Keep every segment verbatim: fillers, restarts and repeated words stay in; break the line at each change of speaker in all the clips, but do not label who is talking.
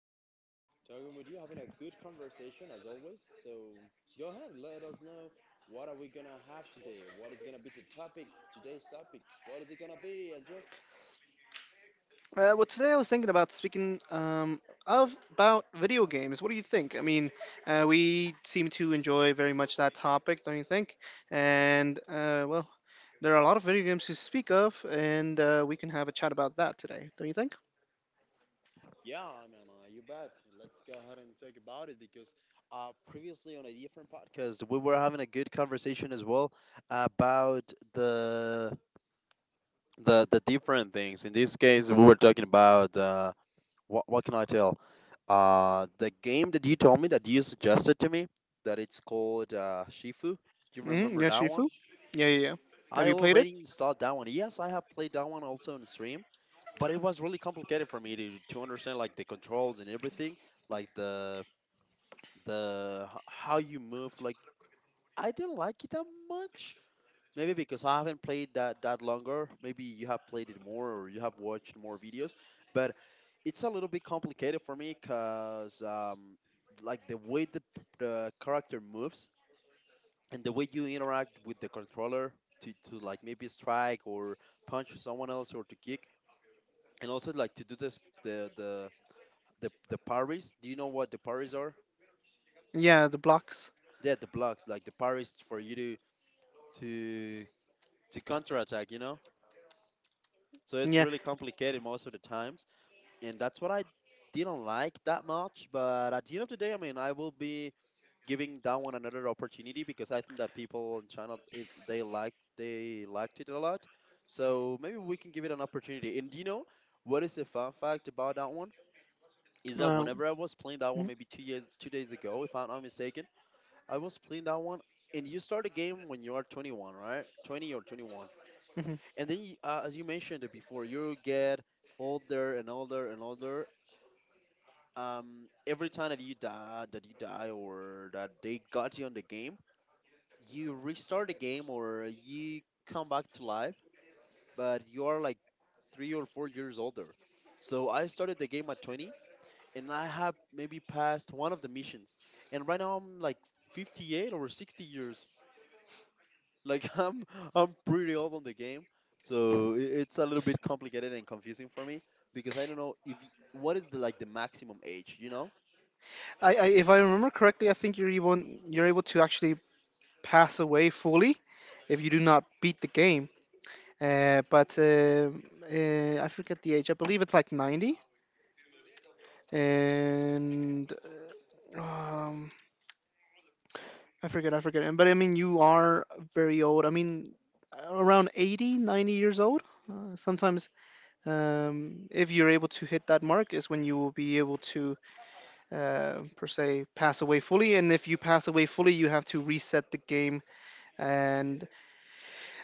uh, talking with you, having a good conversation as always. So go ahead, let us know what are we gonna have today. What is gonna be the topic today's topic? What is it gonna be, Angel?
Uh, well, today I was thinking about speaking um, of about video games. What do you think? I mean, uh, we seem to enjoy very much that topic, don't you think? And uh, well, there are a lot of video games to speak of, and uh, we can have a chat about that today, don't you think?
Yeah, I mean, uh, you bet. Let's go ahead and talk about it because uh, previously on a different podcast, we were having a good conversation as well about the the the different things. In this case, we were talking about uh, what what can I tell? Uh, the game that you told me that you suggested to me that it's called uh, Shifu. Do you
Mm-hmm.
remember
Yeah,
that one?
Shifu. Yeah, yeah, yeah. Have
I
you played it?
already installed that one. Yes, I have played that one also on stream, but it was really complicated for me to to understand, like, the controls and everything, like the the h- how you move. Like, I didn't like it that much, maybe because I haven't played that that longer. Maybe you have played it more, or you have watched more videos, but it's a little bit complicated for me because um, like, the way the, the character moves, and the way you interact with the controller to, to like maybe strike or punch someone else, or to kick, and also like to do this, the the the, the parries. Do you know what the parries are?
Yeah, the blocks.
Yeah, the blocks, like the parries for you to to to counterattack, you know? So it's
Yeah.
really complicated most of the times. And that's what I didn't like that much. But at the end of the day, I mean, I will be giving that one another opportunity because I think that people in China, it, they like they liked it a lot. So maybe we can give it an opportunity. And you know what is a fun fact about that one? Is that
Uh,
whenever I was playing that one,
mhm,
maybe two years two days ago, if I'm not mistaken, I was playing that one, and you start a game when you are twenty-one, right? twenty or twenty-one.
mhm.
And then, y- uh, as you mentioned it before, you get older and older and older. Um, every time that you die, that you die, or that they got you on the game, you restart the game, or you come back to life, but you are like three or four years older. So I started the game at twenty, and I have maybe passed one of the missions, and right now I'm like fifty-eight or sixty years. Like, I'm I'm pretty old on the game, so i- it's a little bit complicated and confusing for me because I don't know if y- what is the like the maximum age, you know?
I, I if I remember correctly, I think you're able you're able to actually pass away fully if you do not beat the game. Uh, but um uh, I forget the age. I believe it's like ninety, and um, I forget. I forget. And But I mean, you are very old. I mean, around eighty, ninety years old. Uh, sometimes, um, if you're able to hit that mark, is when you will be able to, uh, per se, pass away fully. And if you pass away fully, you have to reset the game, and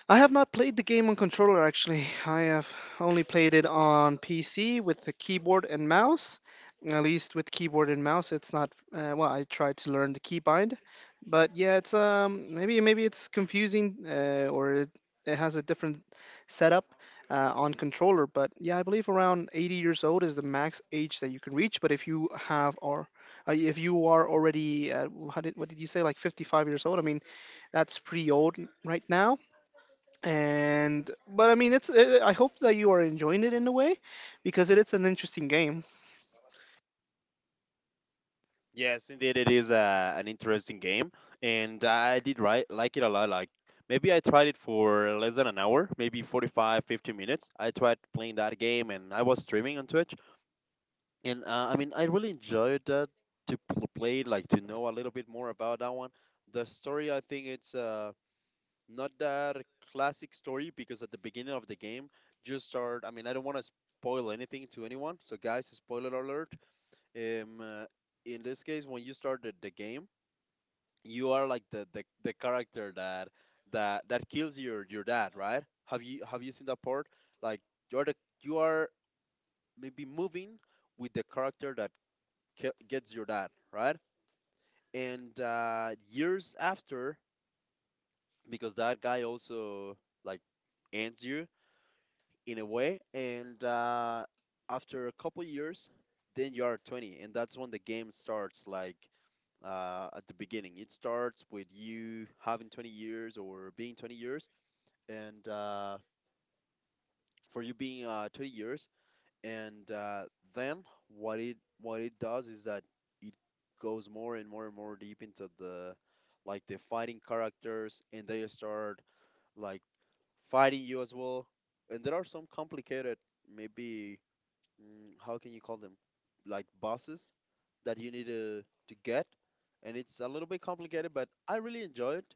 I have not played the game on controller actually. I have only played it on P C with the keyboard and mouse. At least with keyboard and mouse, it's not. Uh, well, I tried to learn the keybind, but yeah, it's um maybe maybe it's confusing uh, or it, it has a different setup uh, on controller. But yeah, I believe around eighty years old is the max age that you can reach. But if you have or uh, if you are already uh, how did what did you say, like fifty-five years old? I mean, that's pretty old right now. And But I mean, it's uh, I hope that you are enjoying it in a way, because it, it's an interesting game.
Yes, indeed, it is uh, an interesting game, and I did right like it a lot. Like, maybe I tried it for less than an hour, maybe forty-five, fifty minutes. I tried playing that game, and I was streaming on Twitch, and uh, I mean, I really enjoyed that to pl- play, like, to know a little bit more about that one. The story, I think it's uh, not that classic story, because at the beginning of the game, just start. I mean, I don't want to spoil anything to anyone. So, guys, spoiler alert. Um, uh, in this case, when you start the, the game, you are like the, the, the character that that that kills your your dad, right? Have you have you seen that part? Like, you are the you are maybe moving with the character that ki- gets your dad, right? And uh, years after, because that guy also like ends you in a way. And uh, after a couple years, then you are twenty, and that's when the game starts. Like, uh, at the beginning, it starts with you having twenty years, or being twenty years, and uh, for you being uh, twenty years, and uh, then what it what it does is that it goes more and more and more deep into the like the fighting characters, and they start like fighting you as well. And there are some complicated, maybe, mm, how can you call them, like, bosses that you need to to get, and it's a little bit complicated, but I really enjoy it.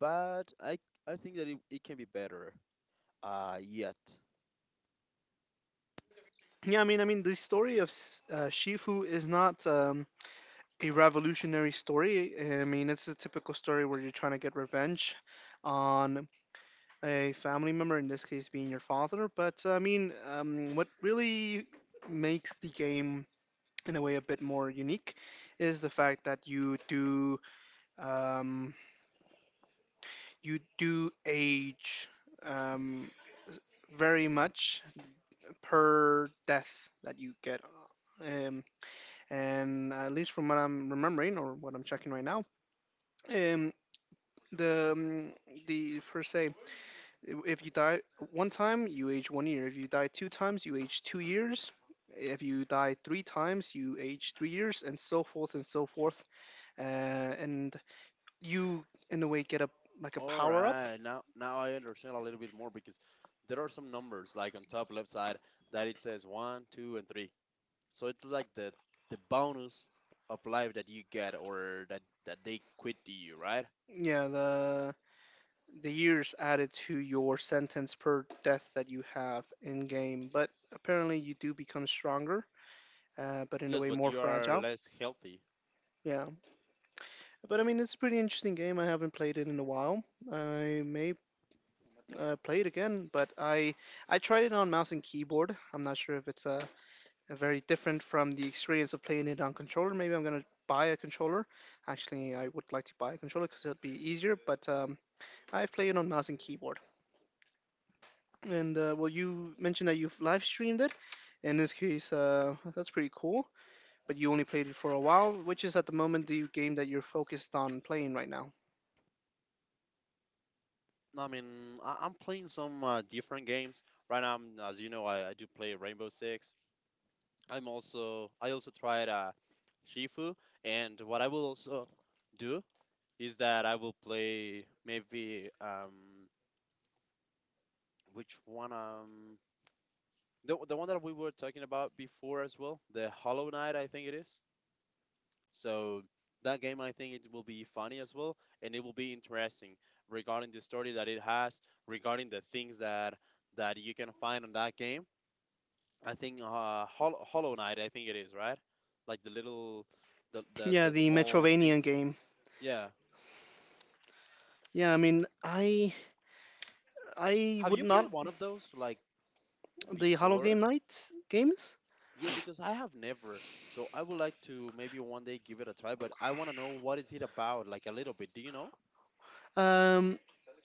But i i think that it, it can be better uh yet.
Yeah, i mean i mean the story of S- uh, Shifu is not um, a revolutionary story. I mean, it's a typical story where you're trying to get revenge on a family member, in this case being your father. But I mean, um, what really makes the game in a way a bit more unique is the fact that you do um, you do age, um, very much per death that you get. Um, and at least from what I'm remembering or what I'm checking right now, um, the um, the, per se, if you die one time, you age one year. If you die two times, you age two years. If you die three times, you age three years, and so forth and so forth. Uh, and you, in a way, get a like a
All
power up.
right, now now I understand a little bit more, because there are some numbers like on top left side that it says one two and three, so it's like the the bonus of life that you get, or that that they quit to you, right?
Yeah, the the years added to your sentence per death that you have in game, but apparently you do become stronger, uh, but in a
Yes,
way
but
more
you are
fragile.
less healthy.
Yeah, but I mean it's a pretty interesting game. I haven't played it in a while. I may uh, play it again, but I I tried it on mouse and keyboard. I'm not sure if it's a, a very different from the experience of playing it on controller. Maybe I'm gonna buy a controller. Actually, I would like to buy a controller because it'd be easier. But um, I play it on mouse and keyboard. And uh, well, you mentioned that you've live streamed it. In this case, uh, that's pretty cool. But you only played it for a while, which is at the moment the game that you're focused on playing right now.
I mean, I- I'm playing some uh, different games right now. I'm- As you know, I, I do play Rainbow Six. I'm also I also tried uh, Shifu, and what I will also do is that I will play, maybe um which one, um the the one that we were talking about before as well, the Hollow Knight, I think it is. So that game, I think it will be funny as well, and it will be interesting, regarding the story that it has, regarding the things that that you can find on that game. I think uh, Hol- Hollow Knight, I think it is, right? Like, the little, the the
Yeah,
the
the
small
Metrovania
things.
game.
Yeah.
Yeah, I mean, I I
Have
would
you played
not
one of those, like,
the Hollow
before?
Game Night games.
Yes, because I have never. So I would like to maybe one day give it a try. But I want to know what is it about, like, a little bit. Do you know?
Um,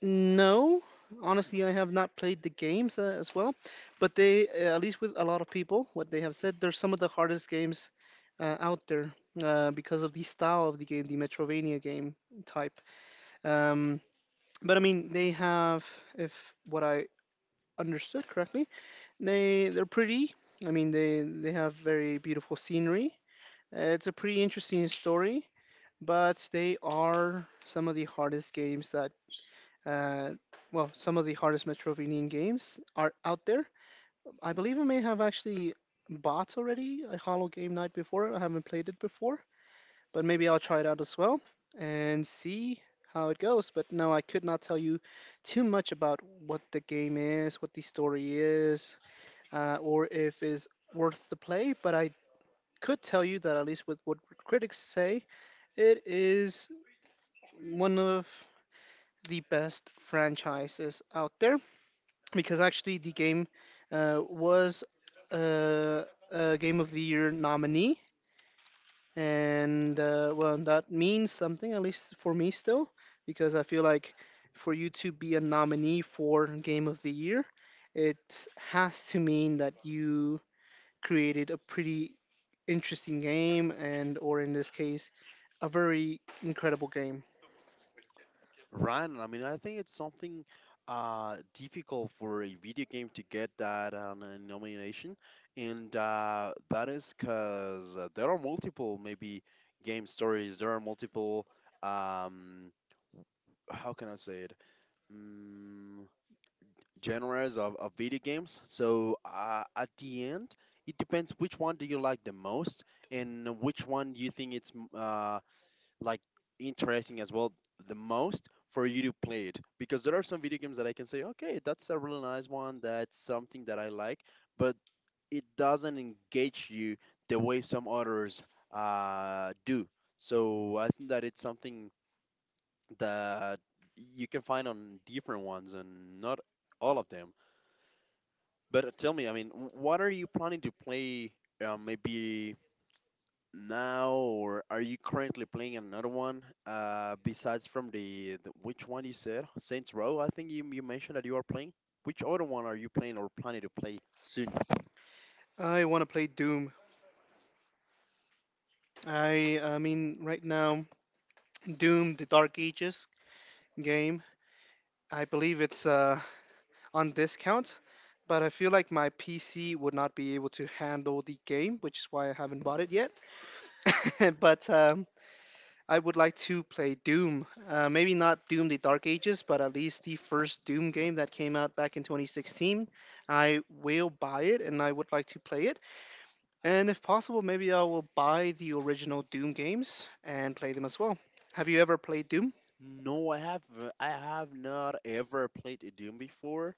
No, honestly, I have not played the games uh, as well, but they, uh, at least with a lot of people, what they have said, they're some of the hardest games uh, out there uh, because of the style of the game, the Metrovania game type. Um, but I mean, they have, if what I understood correctly, they they're pretty. I mean, they they have very beautiful scenery. Uh, it's a pretty interesting story, but they are some of the hardest games that uh, well, some of the hardest Metroidvanian games are out there. I believe I may have actually bought already a Hollow Game Night before. I haven't played it before, but maybe I'll try it out as well and see how it goes. But no, I could not tell you too much about what the game is, what the story is, uh, or if is worth the play. But I could tell you that at least with what critics say, it is one of the best franchises out there, because actually the game uh, was uh, a Game of the Year nominee, and uh, well, that means something at least for me still, because I feel like for you to be a nominee for Game of the Year, it has to mean that you created a pretty interesting game, and or in this case, a very incredible game.
Ryan, I mean, I think it's something uh, difficult for a video game to get that uh, n- nomination, and uh, that is because uh, there are multiple maybe game stories. There are multiple, um, how can I say it? Mm, genres of, of video games. So uh, at the end, it depends which one do you like the most, and which one you think it's m- uh, like, interesting as well the most for you to play it, because there are some video games that I can say, okay, that's a really nice one, that's something that I like, but it doesn't engage you the way some others uh, do. So I think that it's something that you can find on different ones, and not all of them. But tell me, I mean, w- what are you planning to play, uh, maybe, now, or are you currently playing another one, uh, besides from the, the which one you said? Saints Row, I think you, you mentioned that you are playing. Which other one are you playing or planning to play soon?
I want to play Doom. I, I mean, right now, Doom: The Dark Ages game I believe it's uh, on discount, but I feel like my P C would not be able to handle the game, which is why I haven't bought it yet. but um, I would like to play Doom. Uh, maybe not Doom the Dark Ages, but at least the first Doom game that came out back in twenty sixteen. I will buy it and I would like to play it. And if possible, maybe I will buy the original Doom games and play them as well. Have you ever played Doom?
No, I have uh, I have not ever played Doom before.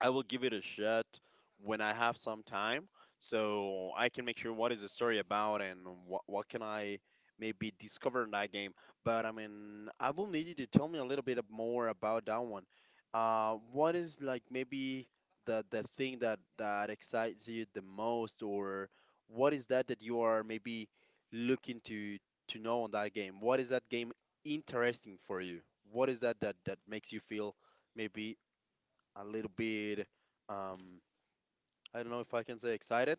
I will give it a shot when I have some time, so I can make sure what is the story about, and what what can I maybe discover in that game. But I mean, I will need you to tell me a little bit ab- more about that one. Uh, what is, like, maybe the the thing that that excites you the most, or what is that that you are maybe looking to to know on that game? What is that game interesting for you? What is that that that makes you feel, maybe, a little bit, um, I don't know if I can say excited,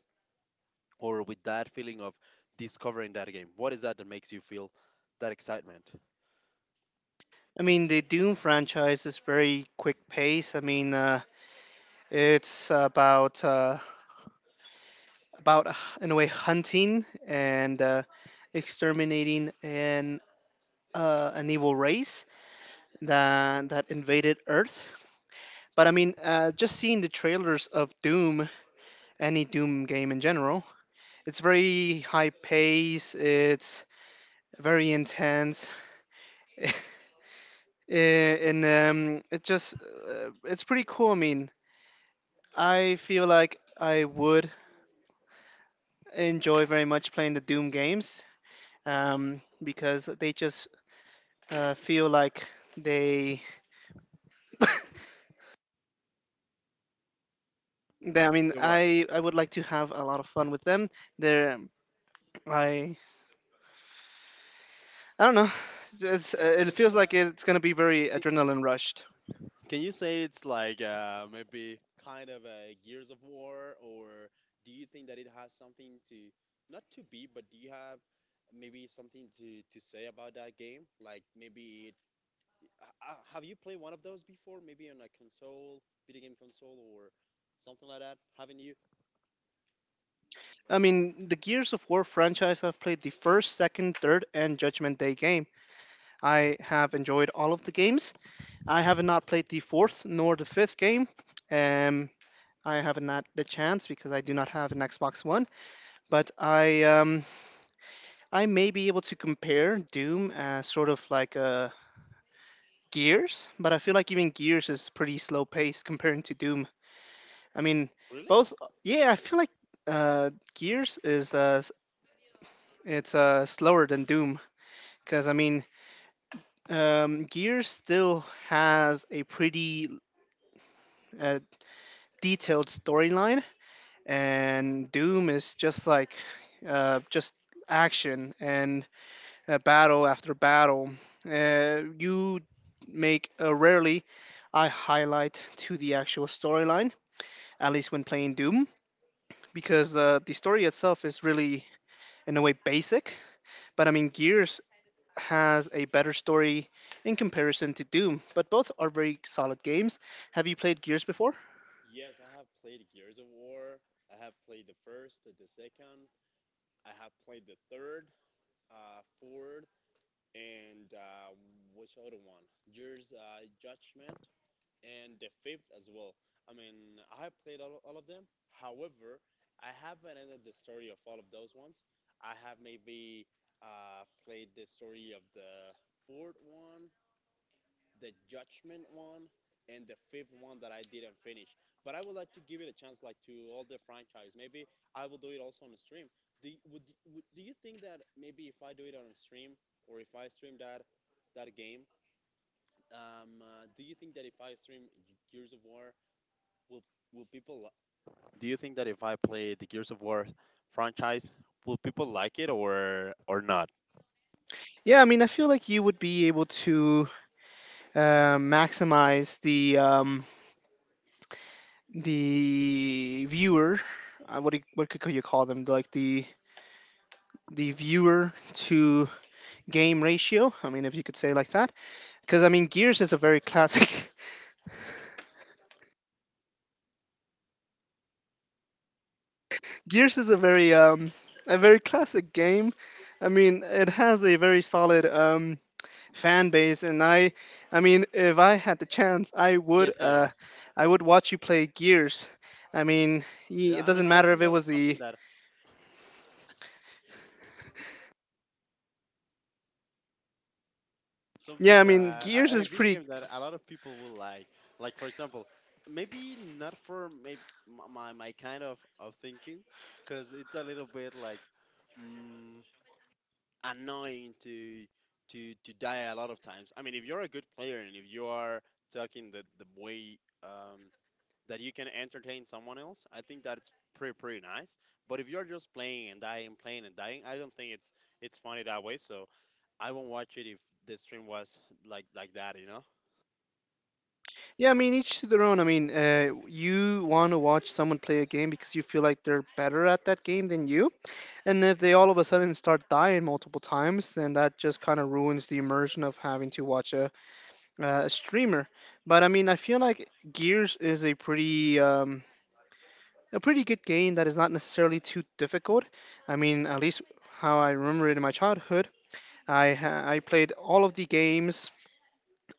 or with that feeling of discovering that game. What is that that makes you feel that excitement?
I mean, the Doom franchise is very quick pace. I mean, uh, it's about uh, about h- in a way hunting and uh, exterminating an uh, an evil race that that invaded Earth. But I mean, uh, just seeing the trailers of Doom, any Doom game in general, it's very high pace. It's very intense. Eh, and um, It just uh, it's pretty cool. I mean, I feel like I would enjoy very much playing the Doom games um, because they just uh, feel like they, they. I mean,
The what?
I I would like to have a lot of fun with them. They're um, I I don't know. It's, uh,
Yeah, man,
it
it's
feels
uh,
like
it's.
it's gonna be very
Can
adrenaline rushed.
can you say it's like, uh, maybe, kind of a Gears of War, or do you think that it has something to not to be, but do you have maybe something to to say about that game? Like, maybe it, uh, have you played one of those before? Maybe on a console, video game console, or something like that? Haven't you?
I mean, the Gears of War franchise. I've played the first, second, third, and Judgment Day game. I have enjoyed all of the games. I have not played the fourth nor the fifth game. Um, I have not had the chance because I do not have an Xbox One. But I um, I may be able to compare Doom as sort of like a Gears, but I feel like even Gears is pretty slow paced comparing to Doom. I mean,
Really?
both. Yeah, I feel like uh, Gears is uh, s- it's uh, slower than Doom, because I mean, um, Gears still has a pretty uh, detailed storyline, and Doom is just like uh, just action and uh, battle after battle. Uh, you make a rarely I highlight to the actual storyline, at least when playing Doom, because uh, the story itself is really, in a way, basic. But I mean, Gears has a better story in comparison to Doom, but both are very solid games. Have you played Gears before?
Yes, I have played Gears of War. I have played the first, the second. I have played the third, uh, fourth, and uh, which other one? Gears uh, Judgment, and the fifth as well. I mean, I have played all, all of them. However, I haven't ended the story of all of those ones. I have maybe uh, played the story of the fourth one, the Judgment one, and the fifth one that I didn't finish. But I would like to give it a chance, like, to all the franchise. Maybe I will do it also on a stream. Do you, would, would do you think that maybe if I do it on a stream or if I stream that that game, um, uh, do you think that if I stream Gears of War, will will people? li- Do you think that if I play the Gears of War franchise, will people like it or or not?
Yeah, I mean, I feel like you would be able to uh, maximize the um, the viewer. Uh, what do you, what could you call them? Like the the viewer to game ratio. I mean, if you could say it like that, because I mean, Gears is a very classic. Gears is a very um a very classic game. I mean, it has a very solid um fan base, and I, I mean, if I had the chance, I would
Yes, it
uh,
is.
I would watch you play Gears. I mean, ye- it
Yeah, I
doesn't
mean, I
matter if
think
it was
that's
the
something that
yeah. I
something
mean,
that
Gears
a, a
is
video
pretty.
game that a lot of people will like. Like for example, maybe not for maybe my my kind of of thinking, because it's a little bit like mm, annoying to to to die a lot of times. I mean, if you're a good player and if you are talking the the way um that you can entertain someone else, I think that's pretty pretty nice. But if you're just playing and dying, playing and dying, I don't think it's it's funny that way. So I won't watch it if the stream was like like that, you know.
Yeah, I mean, each to their own. I mean, uh, you want to watch someone play a game because you feel like they're better at that game than you. And if they all of a sudden start dying multiple times, then that just kind of ruins the immersion of having to watch a, a streamer. But I mean, I feel like Gears is a pretty um, a pretty good game that is not necessarily too difficult. I mean, at least how I remember it in my childhood. I ha- I played all of the games,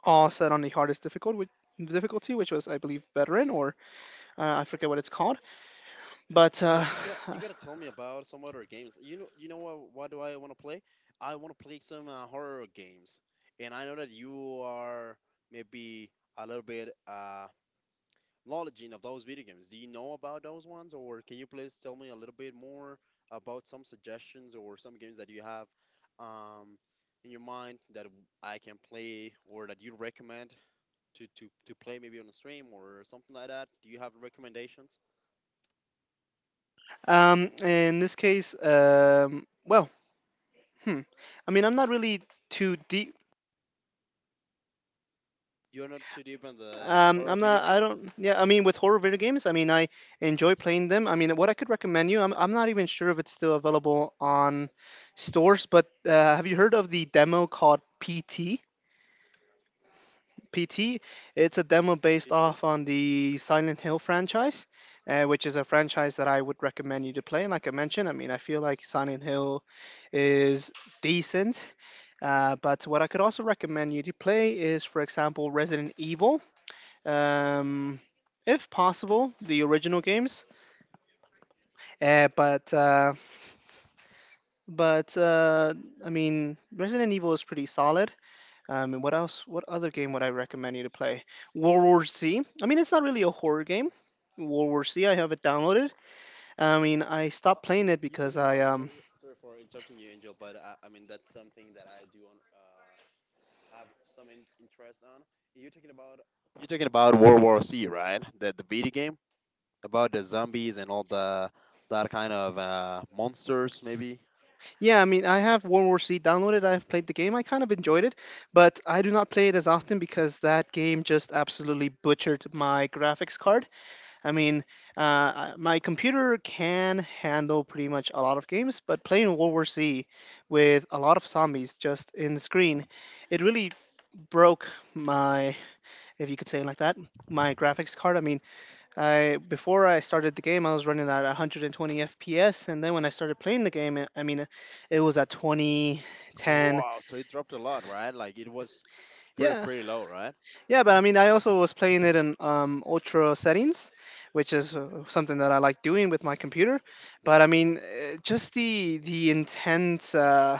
all set on the hardest difficult, which difficulty, which was I believe veteran or uh, I forget what it's called. But uh,
But you gotta you gotta tell me about some other games. You know you know what what do I want to play? I want to play some uh, horror games, and I know that you are maybe a little bit uh knowledge of those video games. Do you know about those ones, or can you please tell me a little bit more about some suggestions or some games that you have um, in your mind that I can play or that you recommend to, to, to play maybe on a stream or something like that? Do you have recommendations?
um, in this case, um, well, Hmm. I mean, I'm not really too deep.
You're not too deep in the
Um,
horror
I'm
video
not. I
games,
don't. Yeah. I mean, with horror video games, I mean, I enjoy playing them. I mean, what I could recommend you. I'm. I'm not even sure if it's still available on stores, but uh, have you heard of the demo called P T? P T. It's a demo based
P C?
off on the Silent Hill franchise, uh, which is a franchise that I would recommend you to play. And like I mentioned, I mean, I feel like Silent Hill is decent. Uh, but what I could also recommend you to play is, for example, Resident Evil. Um, if possible, the original games. Uh, but uh, but uh, I mean, Resident Evil is pretty solid. Um, and what else? What other game would I recommend you to play? World War Z. I mean, it's not really a horror game. World War Z. I have it downloaded. I mean, I
Uh,
stopped playing
wh-
it
you
because
talking
I
about what?
um
Sorry for interrupting you, Angel, but I, I mean that's something that I do on. Uh, have some in- interest on. You're talking about you're talking about World War C, right? The the video game about the zombies and all the that kind of uh, monsters, maybe.
yeah, I mean, I have World War C downloaded. I've played the game. I kind of enjoyed it, but I do not play it as often because that game just absolutely butchered my graphics card. I mean, uh, I- my computer can handle pretty much a lot of games, but playing World War C with a lot of zombies just in the screen, it really broke my, if you could say it like that, my graphics card. I mean, I before I started the game, I was running at one hundred twenty F P S, and then when I started playing the game, it, I mean, it, it was at twenty, ten.
Wow, so it dropped a lot, right? Like it was pretty
Yeah,
pretty low, right?
yeah, but I mean, I also was playing it in um, ultra settings, which is uh, something that I like doing with my computer. But I mean, uh, just the the intense. Uh,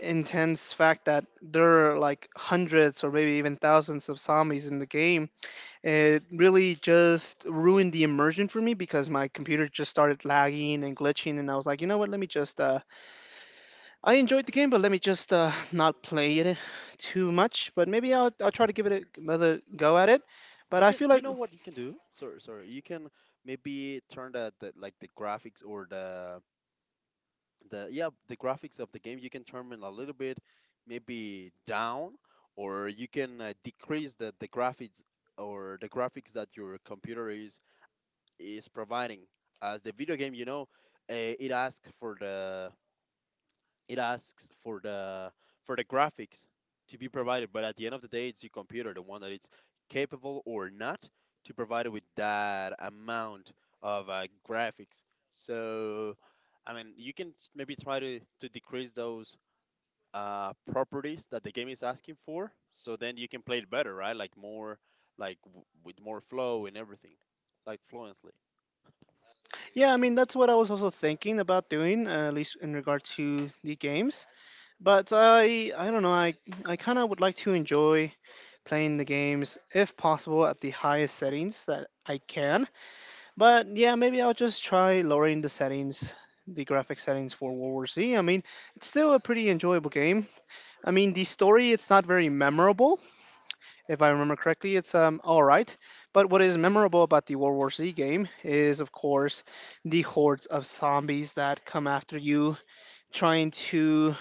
intense fact that there are like hundreds or maybe even thousands of zombies in the game. It really just ruined the immersion for me because my computer just started lagging and glitching, and I was like, you know what? Let me just. Uh, I enjoyed the game, but let me just uh, not play it too much. But maybe I'll, I'll try to give it a- another go at it. But
You
I
can,
feel
you
like,
know what you can do? Sorry, sorry. You can maybe turn the, the, like the graphics or the the, yeah, the graphics of the game. You can turn it a little bit maybe down, or you can uh, decrease the, the graphics or the graphics that your computer is is providing as the video game, you know, uh, it asks for the, it asks for the for the graphics to be provided. But at the end of the day, it's your computer the one that it's capable or not to provide it with that amount of uh, graphics. So I mean, you can maybe try to to decrease those uh, properties that the game is asking for, so then you can play it better, right? Like more, like w- with more flow and everything, like fluently,
yeah, I mean, that's what I was also thinking about doing, uh, at least in regard to the games. But I, I don't know. I, I kind of would like to enjoy playing the games if possible at the highest settings that I can. But yeah, maybe I'll just try lowering the settings, the graphic settings for World War Z. I mean, it's still a pretty enjoyable game. I mean, the story it's not very memorable, if I remember correctly. It's um all right. But what is memorable about the World War Z game is, of course, the hordes of zombies that come after you, trying to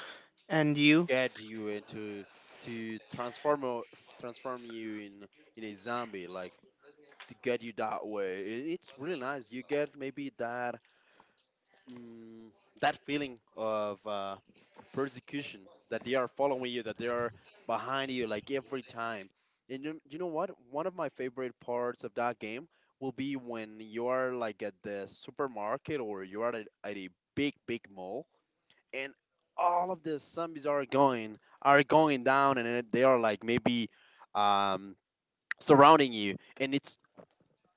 end
to
you.
get you into, to transform o- f- transform you in in a zombie, like to get you that way. It, it's really nice. You get maybe that, mm, that feeling of uh, persecution, that they are following you, that they are behind you like every time. And you, you know what? One of my favorite parts of that game will be when you are like at the supermarket or you are at, at a big big mall, and all of the zombies are going are going down, and then they are like maybe um surrounding you, and it's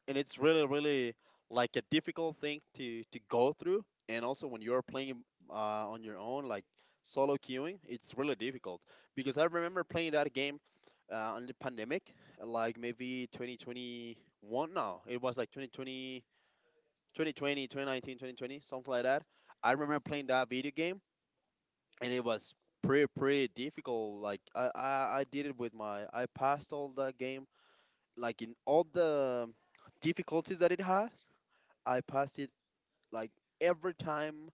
and it's really really like a difficult thing to to go through. And also when you're playing uh, on your own, like solo queuing, it's really difficult, because I remember playing that game uh, on the pandemic, like maybe twenty twenty-one. No, it was like twenty twenty, twenty twenty twenty nineteen, twenty twenty, something like that. I remember playing that video game, and it was pretty pretty difficult. Like i i, I did it with my, I passed all that game, like in all the difficulties that it has. I passed it like every time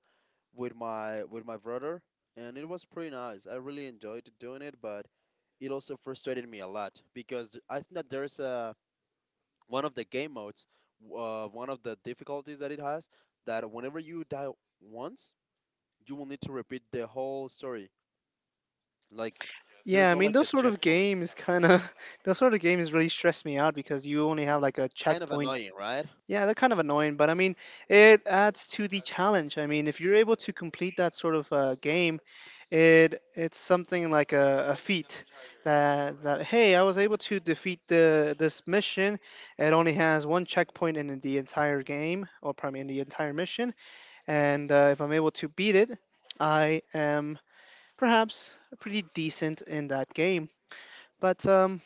with my, with my brother, and it was pretty nice. I really enjoyed doing it, but it also frustrated me a lot, because I think that there's a one of the game modes, uh, one of the difficulties that it has, that whenever you die once, you will need to repeat the whole story. Like, there's
Yeah, I
not
mean
like
those
a
sort of
checkpoint.
games kind of those sort of games really stress me out because you only have like a
Kind of
checkpoint.
annoying, right?
Yeah, they're kind of annoying, but I mean, it adds to the challenge. I mean, if you're able to complete that sort of uh, game, it it's something like a, a feat that that hey, I was able to defeat the this mission. It only has one checkpoint in the entire game, or probably in the entire mission, and uh, if I'm able to beat it, I am perhaps pretty decent in that game. But um,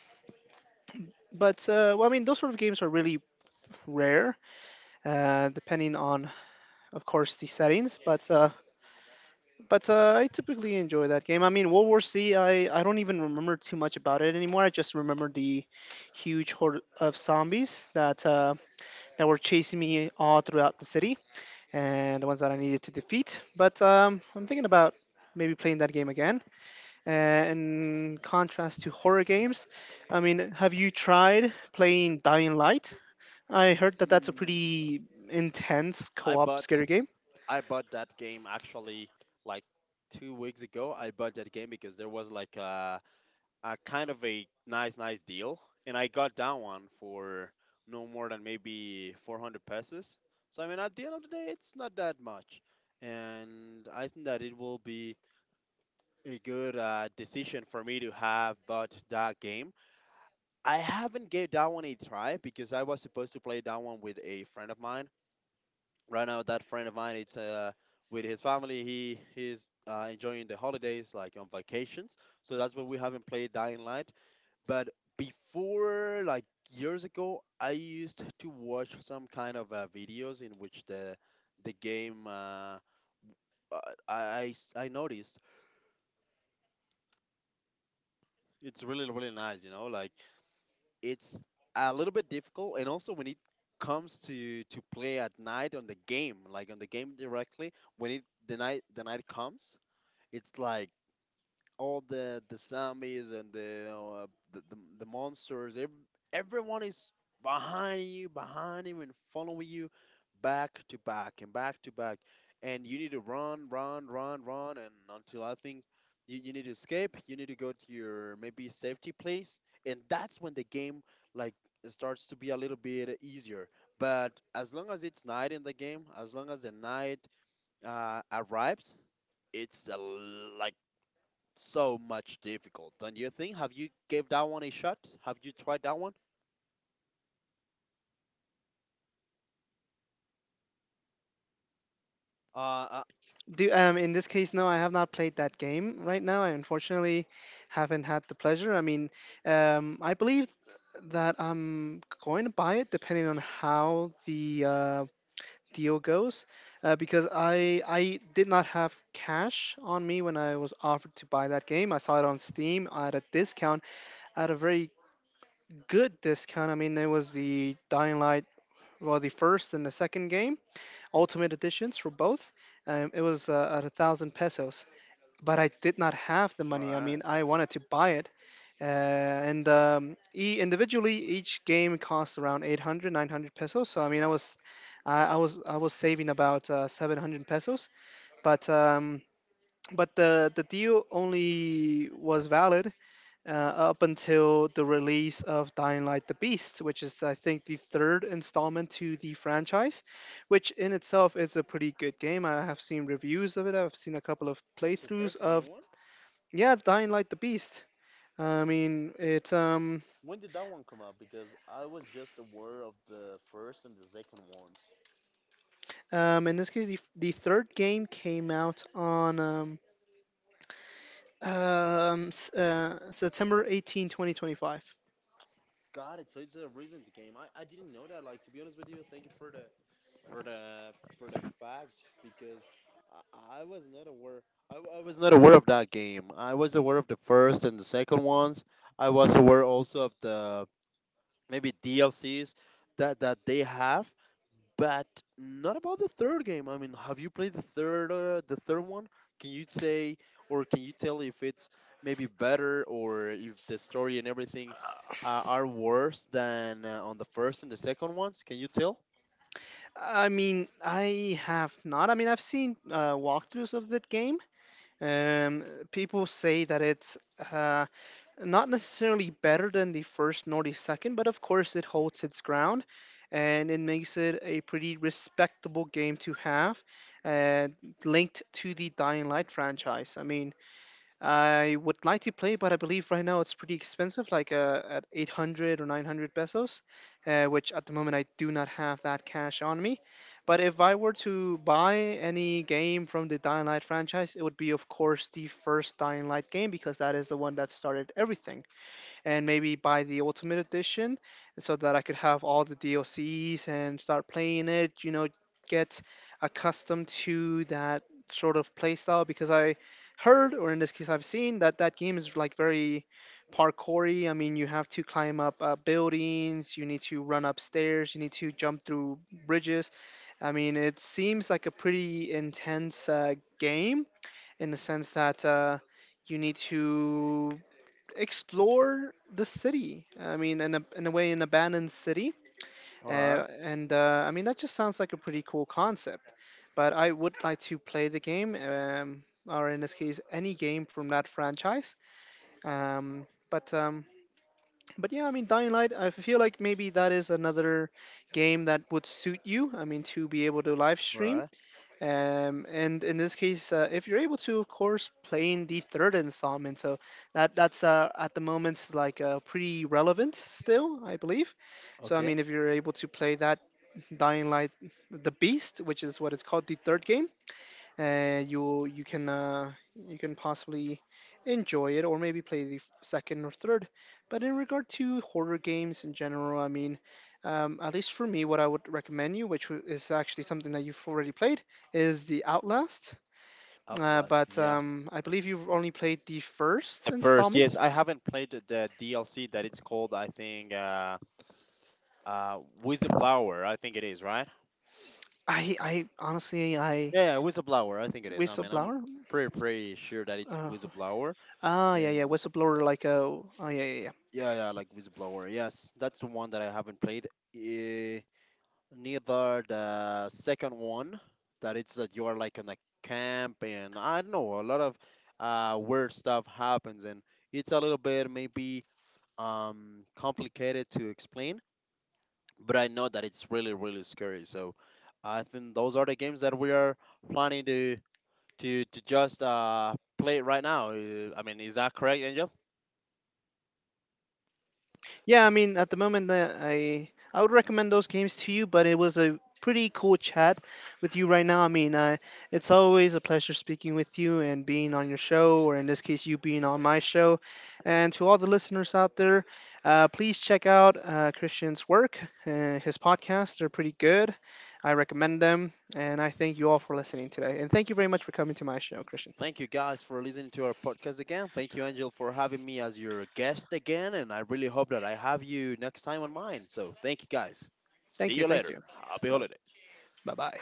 but uh, well, I mean, those sort of games are really rare, uh, depending on of course the settings but uh but uh, I typically enjoy that game. I mean, World War C, i i don't even remember too much about it anymore. I just remember the huge horde of zombies that uh that were chasing me all throughout the city and the ones that I needed to defeat. But um I'm thinking about maybe playing that game again, and in contrast to horror games, I mean, have you tried playing Dying Light? I heard that that's a
Mm,
pretty intense
I
co-op
bought,
scary game.
I bought that game actually like two weeks ago. I bought that game because there was like a uh, kind of a nice, nice deal, and I got that one for no more than maybe four hundred pesos. So I mean, at the end of the day, it's not that much, and I think that it will be a good uh, decision for me to have bought that game. I haven't gave that one a try because I was supposed to play that one with a friend of mine. Right now, that friend of mine, it's uh, with his family. He he's uh, enjoying the holidays, like on vacations. So that's why we haven't played Dying Light. But before, like years ago, I used to watch some kind of uh, videos in which the the game uh, uh, I, I s- I noticed it's really really nice. You know, like it's a little bit difficult, and also when it comes to to play at night on the game, like on the game directly, when it the night, the night comes, it's like all the the zombies and the uh, the, the the monsters. Ev- everyone is behind you, behind you, and following you back to back and back to back. And you need to run, run, run, run, and until I think you, you need to escape. You need to go to your maybe safety place, and that's when the game, like, starts to be a little bit easier. But as long as it's night in the game, as long as the night uh, arrives, it's a, so much difficult, don't you think? Have you gave that one a shot? Have you tried that one? Uh, uh
Do um In this case, no, I have not played that game right now. I unfortunately haven't had the pleasure. I mean, um, I believe that I'm going to buy it depending on how the uh, deal goes, uh, because I I did not have cash on me when I was offered to buy that game. I saw it on Steam at a discount, at a very good discount. I mean, it was the Dying Light, well, the first and the second game, Ultimate Editions for both. Um, it was uh, at a thousand pesos, but I did not have the money. I mean,
right,
I wanted to buy it. Uh, and um, e- individually, each game cost around eight hundred, nine hundred pesos. So I mean, I
right.
was, I, I was, I was saving about uh, seven hundred pesos. But um, but the the deal only was valid uh, up until the release of Dying Light: The Beast, which is I think the third installment to the franchise, which in itself is a pretty good game. I have seen reviews of it. I've seen a couple of
So
playthroughs
there's a new
of.
one.
Yeah, Dying Light the Beast. I mean, it's um
When did that one come out? Because I was just aware of the first and the second ones.
um In this case, the, the third game came out on um um s- uh, September eighteenth, twenty twenty-five.
Got it. So it's a recent game. I, I didn't know that. Like, to be honest with you, thank you for the, for the for the fact, because I, I was not aware. I, w- I was not aware of that game. I was aware of the first and the second ones. I was aware also of the maybe D L Cs that that they have, but not about the third game. I mean, have you played the third uh, the third one? Can you say or can you tell if it's maybe better, or if the story and everything uh, are worse than uh, on the first and the second ones? Can you tell?
I mean, I have not. I mean, I've seen uh, walkthroughs of that game. Um, People say that it's uh, not necessarily better than the first nor the second, but of course it holds its ground and it makes it a pretty respectable game to have and linked to the Dying Light franchise. I mean, I would like to play, but I believe right now it's pretty expensive, like uh, at eight hundred or nine hundred pesos, uh, which at the moment I do not have that cash on me. But if I were to buy any game from the Dying Light franchise, it would be, of course, the first Dying Light game because that is the one that started everything, and maybe buy the Ultimate Edition so that I could have all the D L Cs and start playing it, you know, get accustomed to that sort of playstyle because I heard, or in this case, I've seen that that game is like very parkoury. I mean, you have to climb up uh, buildings, you need to run upstairs, you need to jump through bridges. I mean, it seems like a pretty intense uh, game in the sense that uh, you need to explore the city. I mean, in a, in a way, an abandoned city.
All right,
Uh, and uh, I mean, that just sounds like a pretty cool concept. But I would like to play the game, um, or in this case, any game from that franchise. Um, but um, but yeah, I mean, Dying Light. I feel like maybe that is another game that would suit you. I mean, to be able to live
all
stream.
right,
Um, and in this case, uh, if you're able to, of course, playing the third installment, so that that's uh, at the moment like uh, pretty relevant still, I believe. So I
okay.
mean, if you're able to play that Dying Light, the Beast, which is what it's called, the third game, uh, you you can uh, you can possibly enjoy it or maybe play the f- second or third. But in regard to horror games in general, I mean, um, at least for me, what I would recommend you, which w- is actually something that you've already played, is the Outlast. Uh,
Outlast,
but
yes.
um, I believe you've only played the first
The first, yes.
installment.
I haven't played the the D L C that it's called. I think uh, uh, Whistleblower. I think it is, right.
I, I honestly, I
Yeah, whistleblower. I think it is. I mean, I'm
Whistleblower.
pretty pretty sure that it's
Uh,
whistleblower.
ah, yeah, yeah,
And
whistleblower. Like, uh, oh, yeah, yeah, yeah.
yeah, yeah, like whistleblower. Yes, that's the one that I haven't played. Eh, neither the second one that it's that you are like in a camp, and I don't know, a lot of uh weird stuff happens, and it's a little bit maybe um complicated to explain, but I know that it's really really scary. So I think those are the games that we are planning to to to just uh, play it right now. Uh, I mean, is that correct, Angel?
Yeah, I mean, at the moment, uh, I I would recommend those games to you, but it was a pretty cool chat with you right now. I mean, uh, it's always a pleasure speaking with you and being on your show, or in this case, you being on my show. And to all the listeners out there, uh, please check out uh, Christian's work, uh, his podcasts. They're pretty good. I recommend them, and I thank you all for listening today. And thank you very much for coming to my show, Christian.
Thank you guys for listening to our podcast again. Thank you, Angel, for having me as your guest again, and I really hope that I have you next time on mine. So thank you guys. See
Thank you,
you
thank
later.
you.
Happy
Bye
holidays.
bye.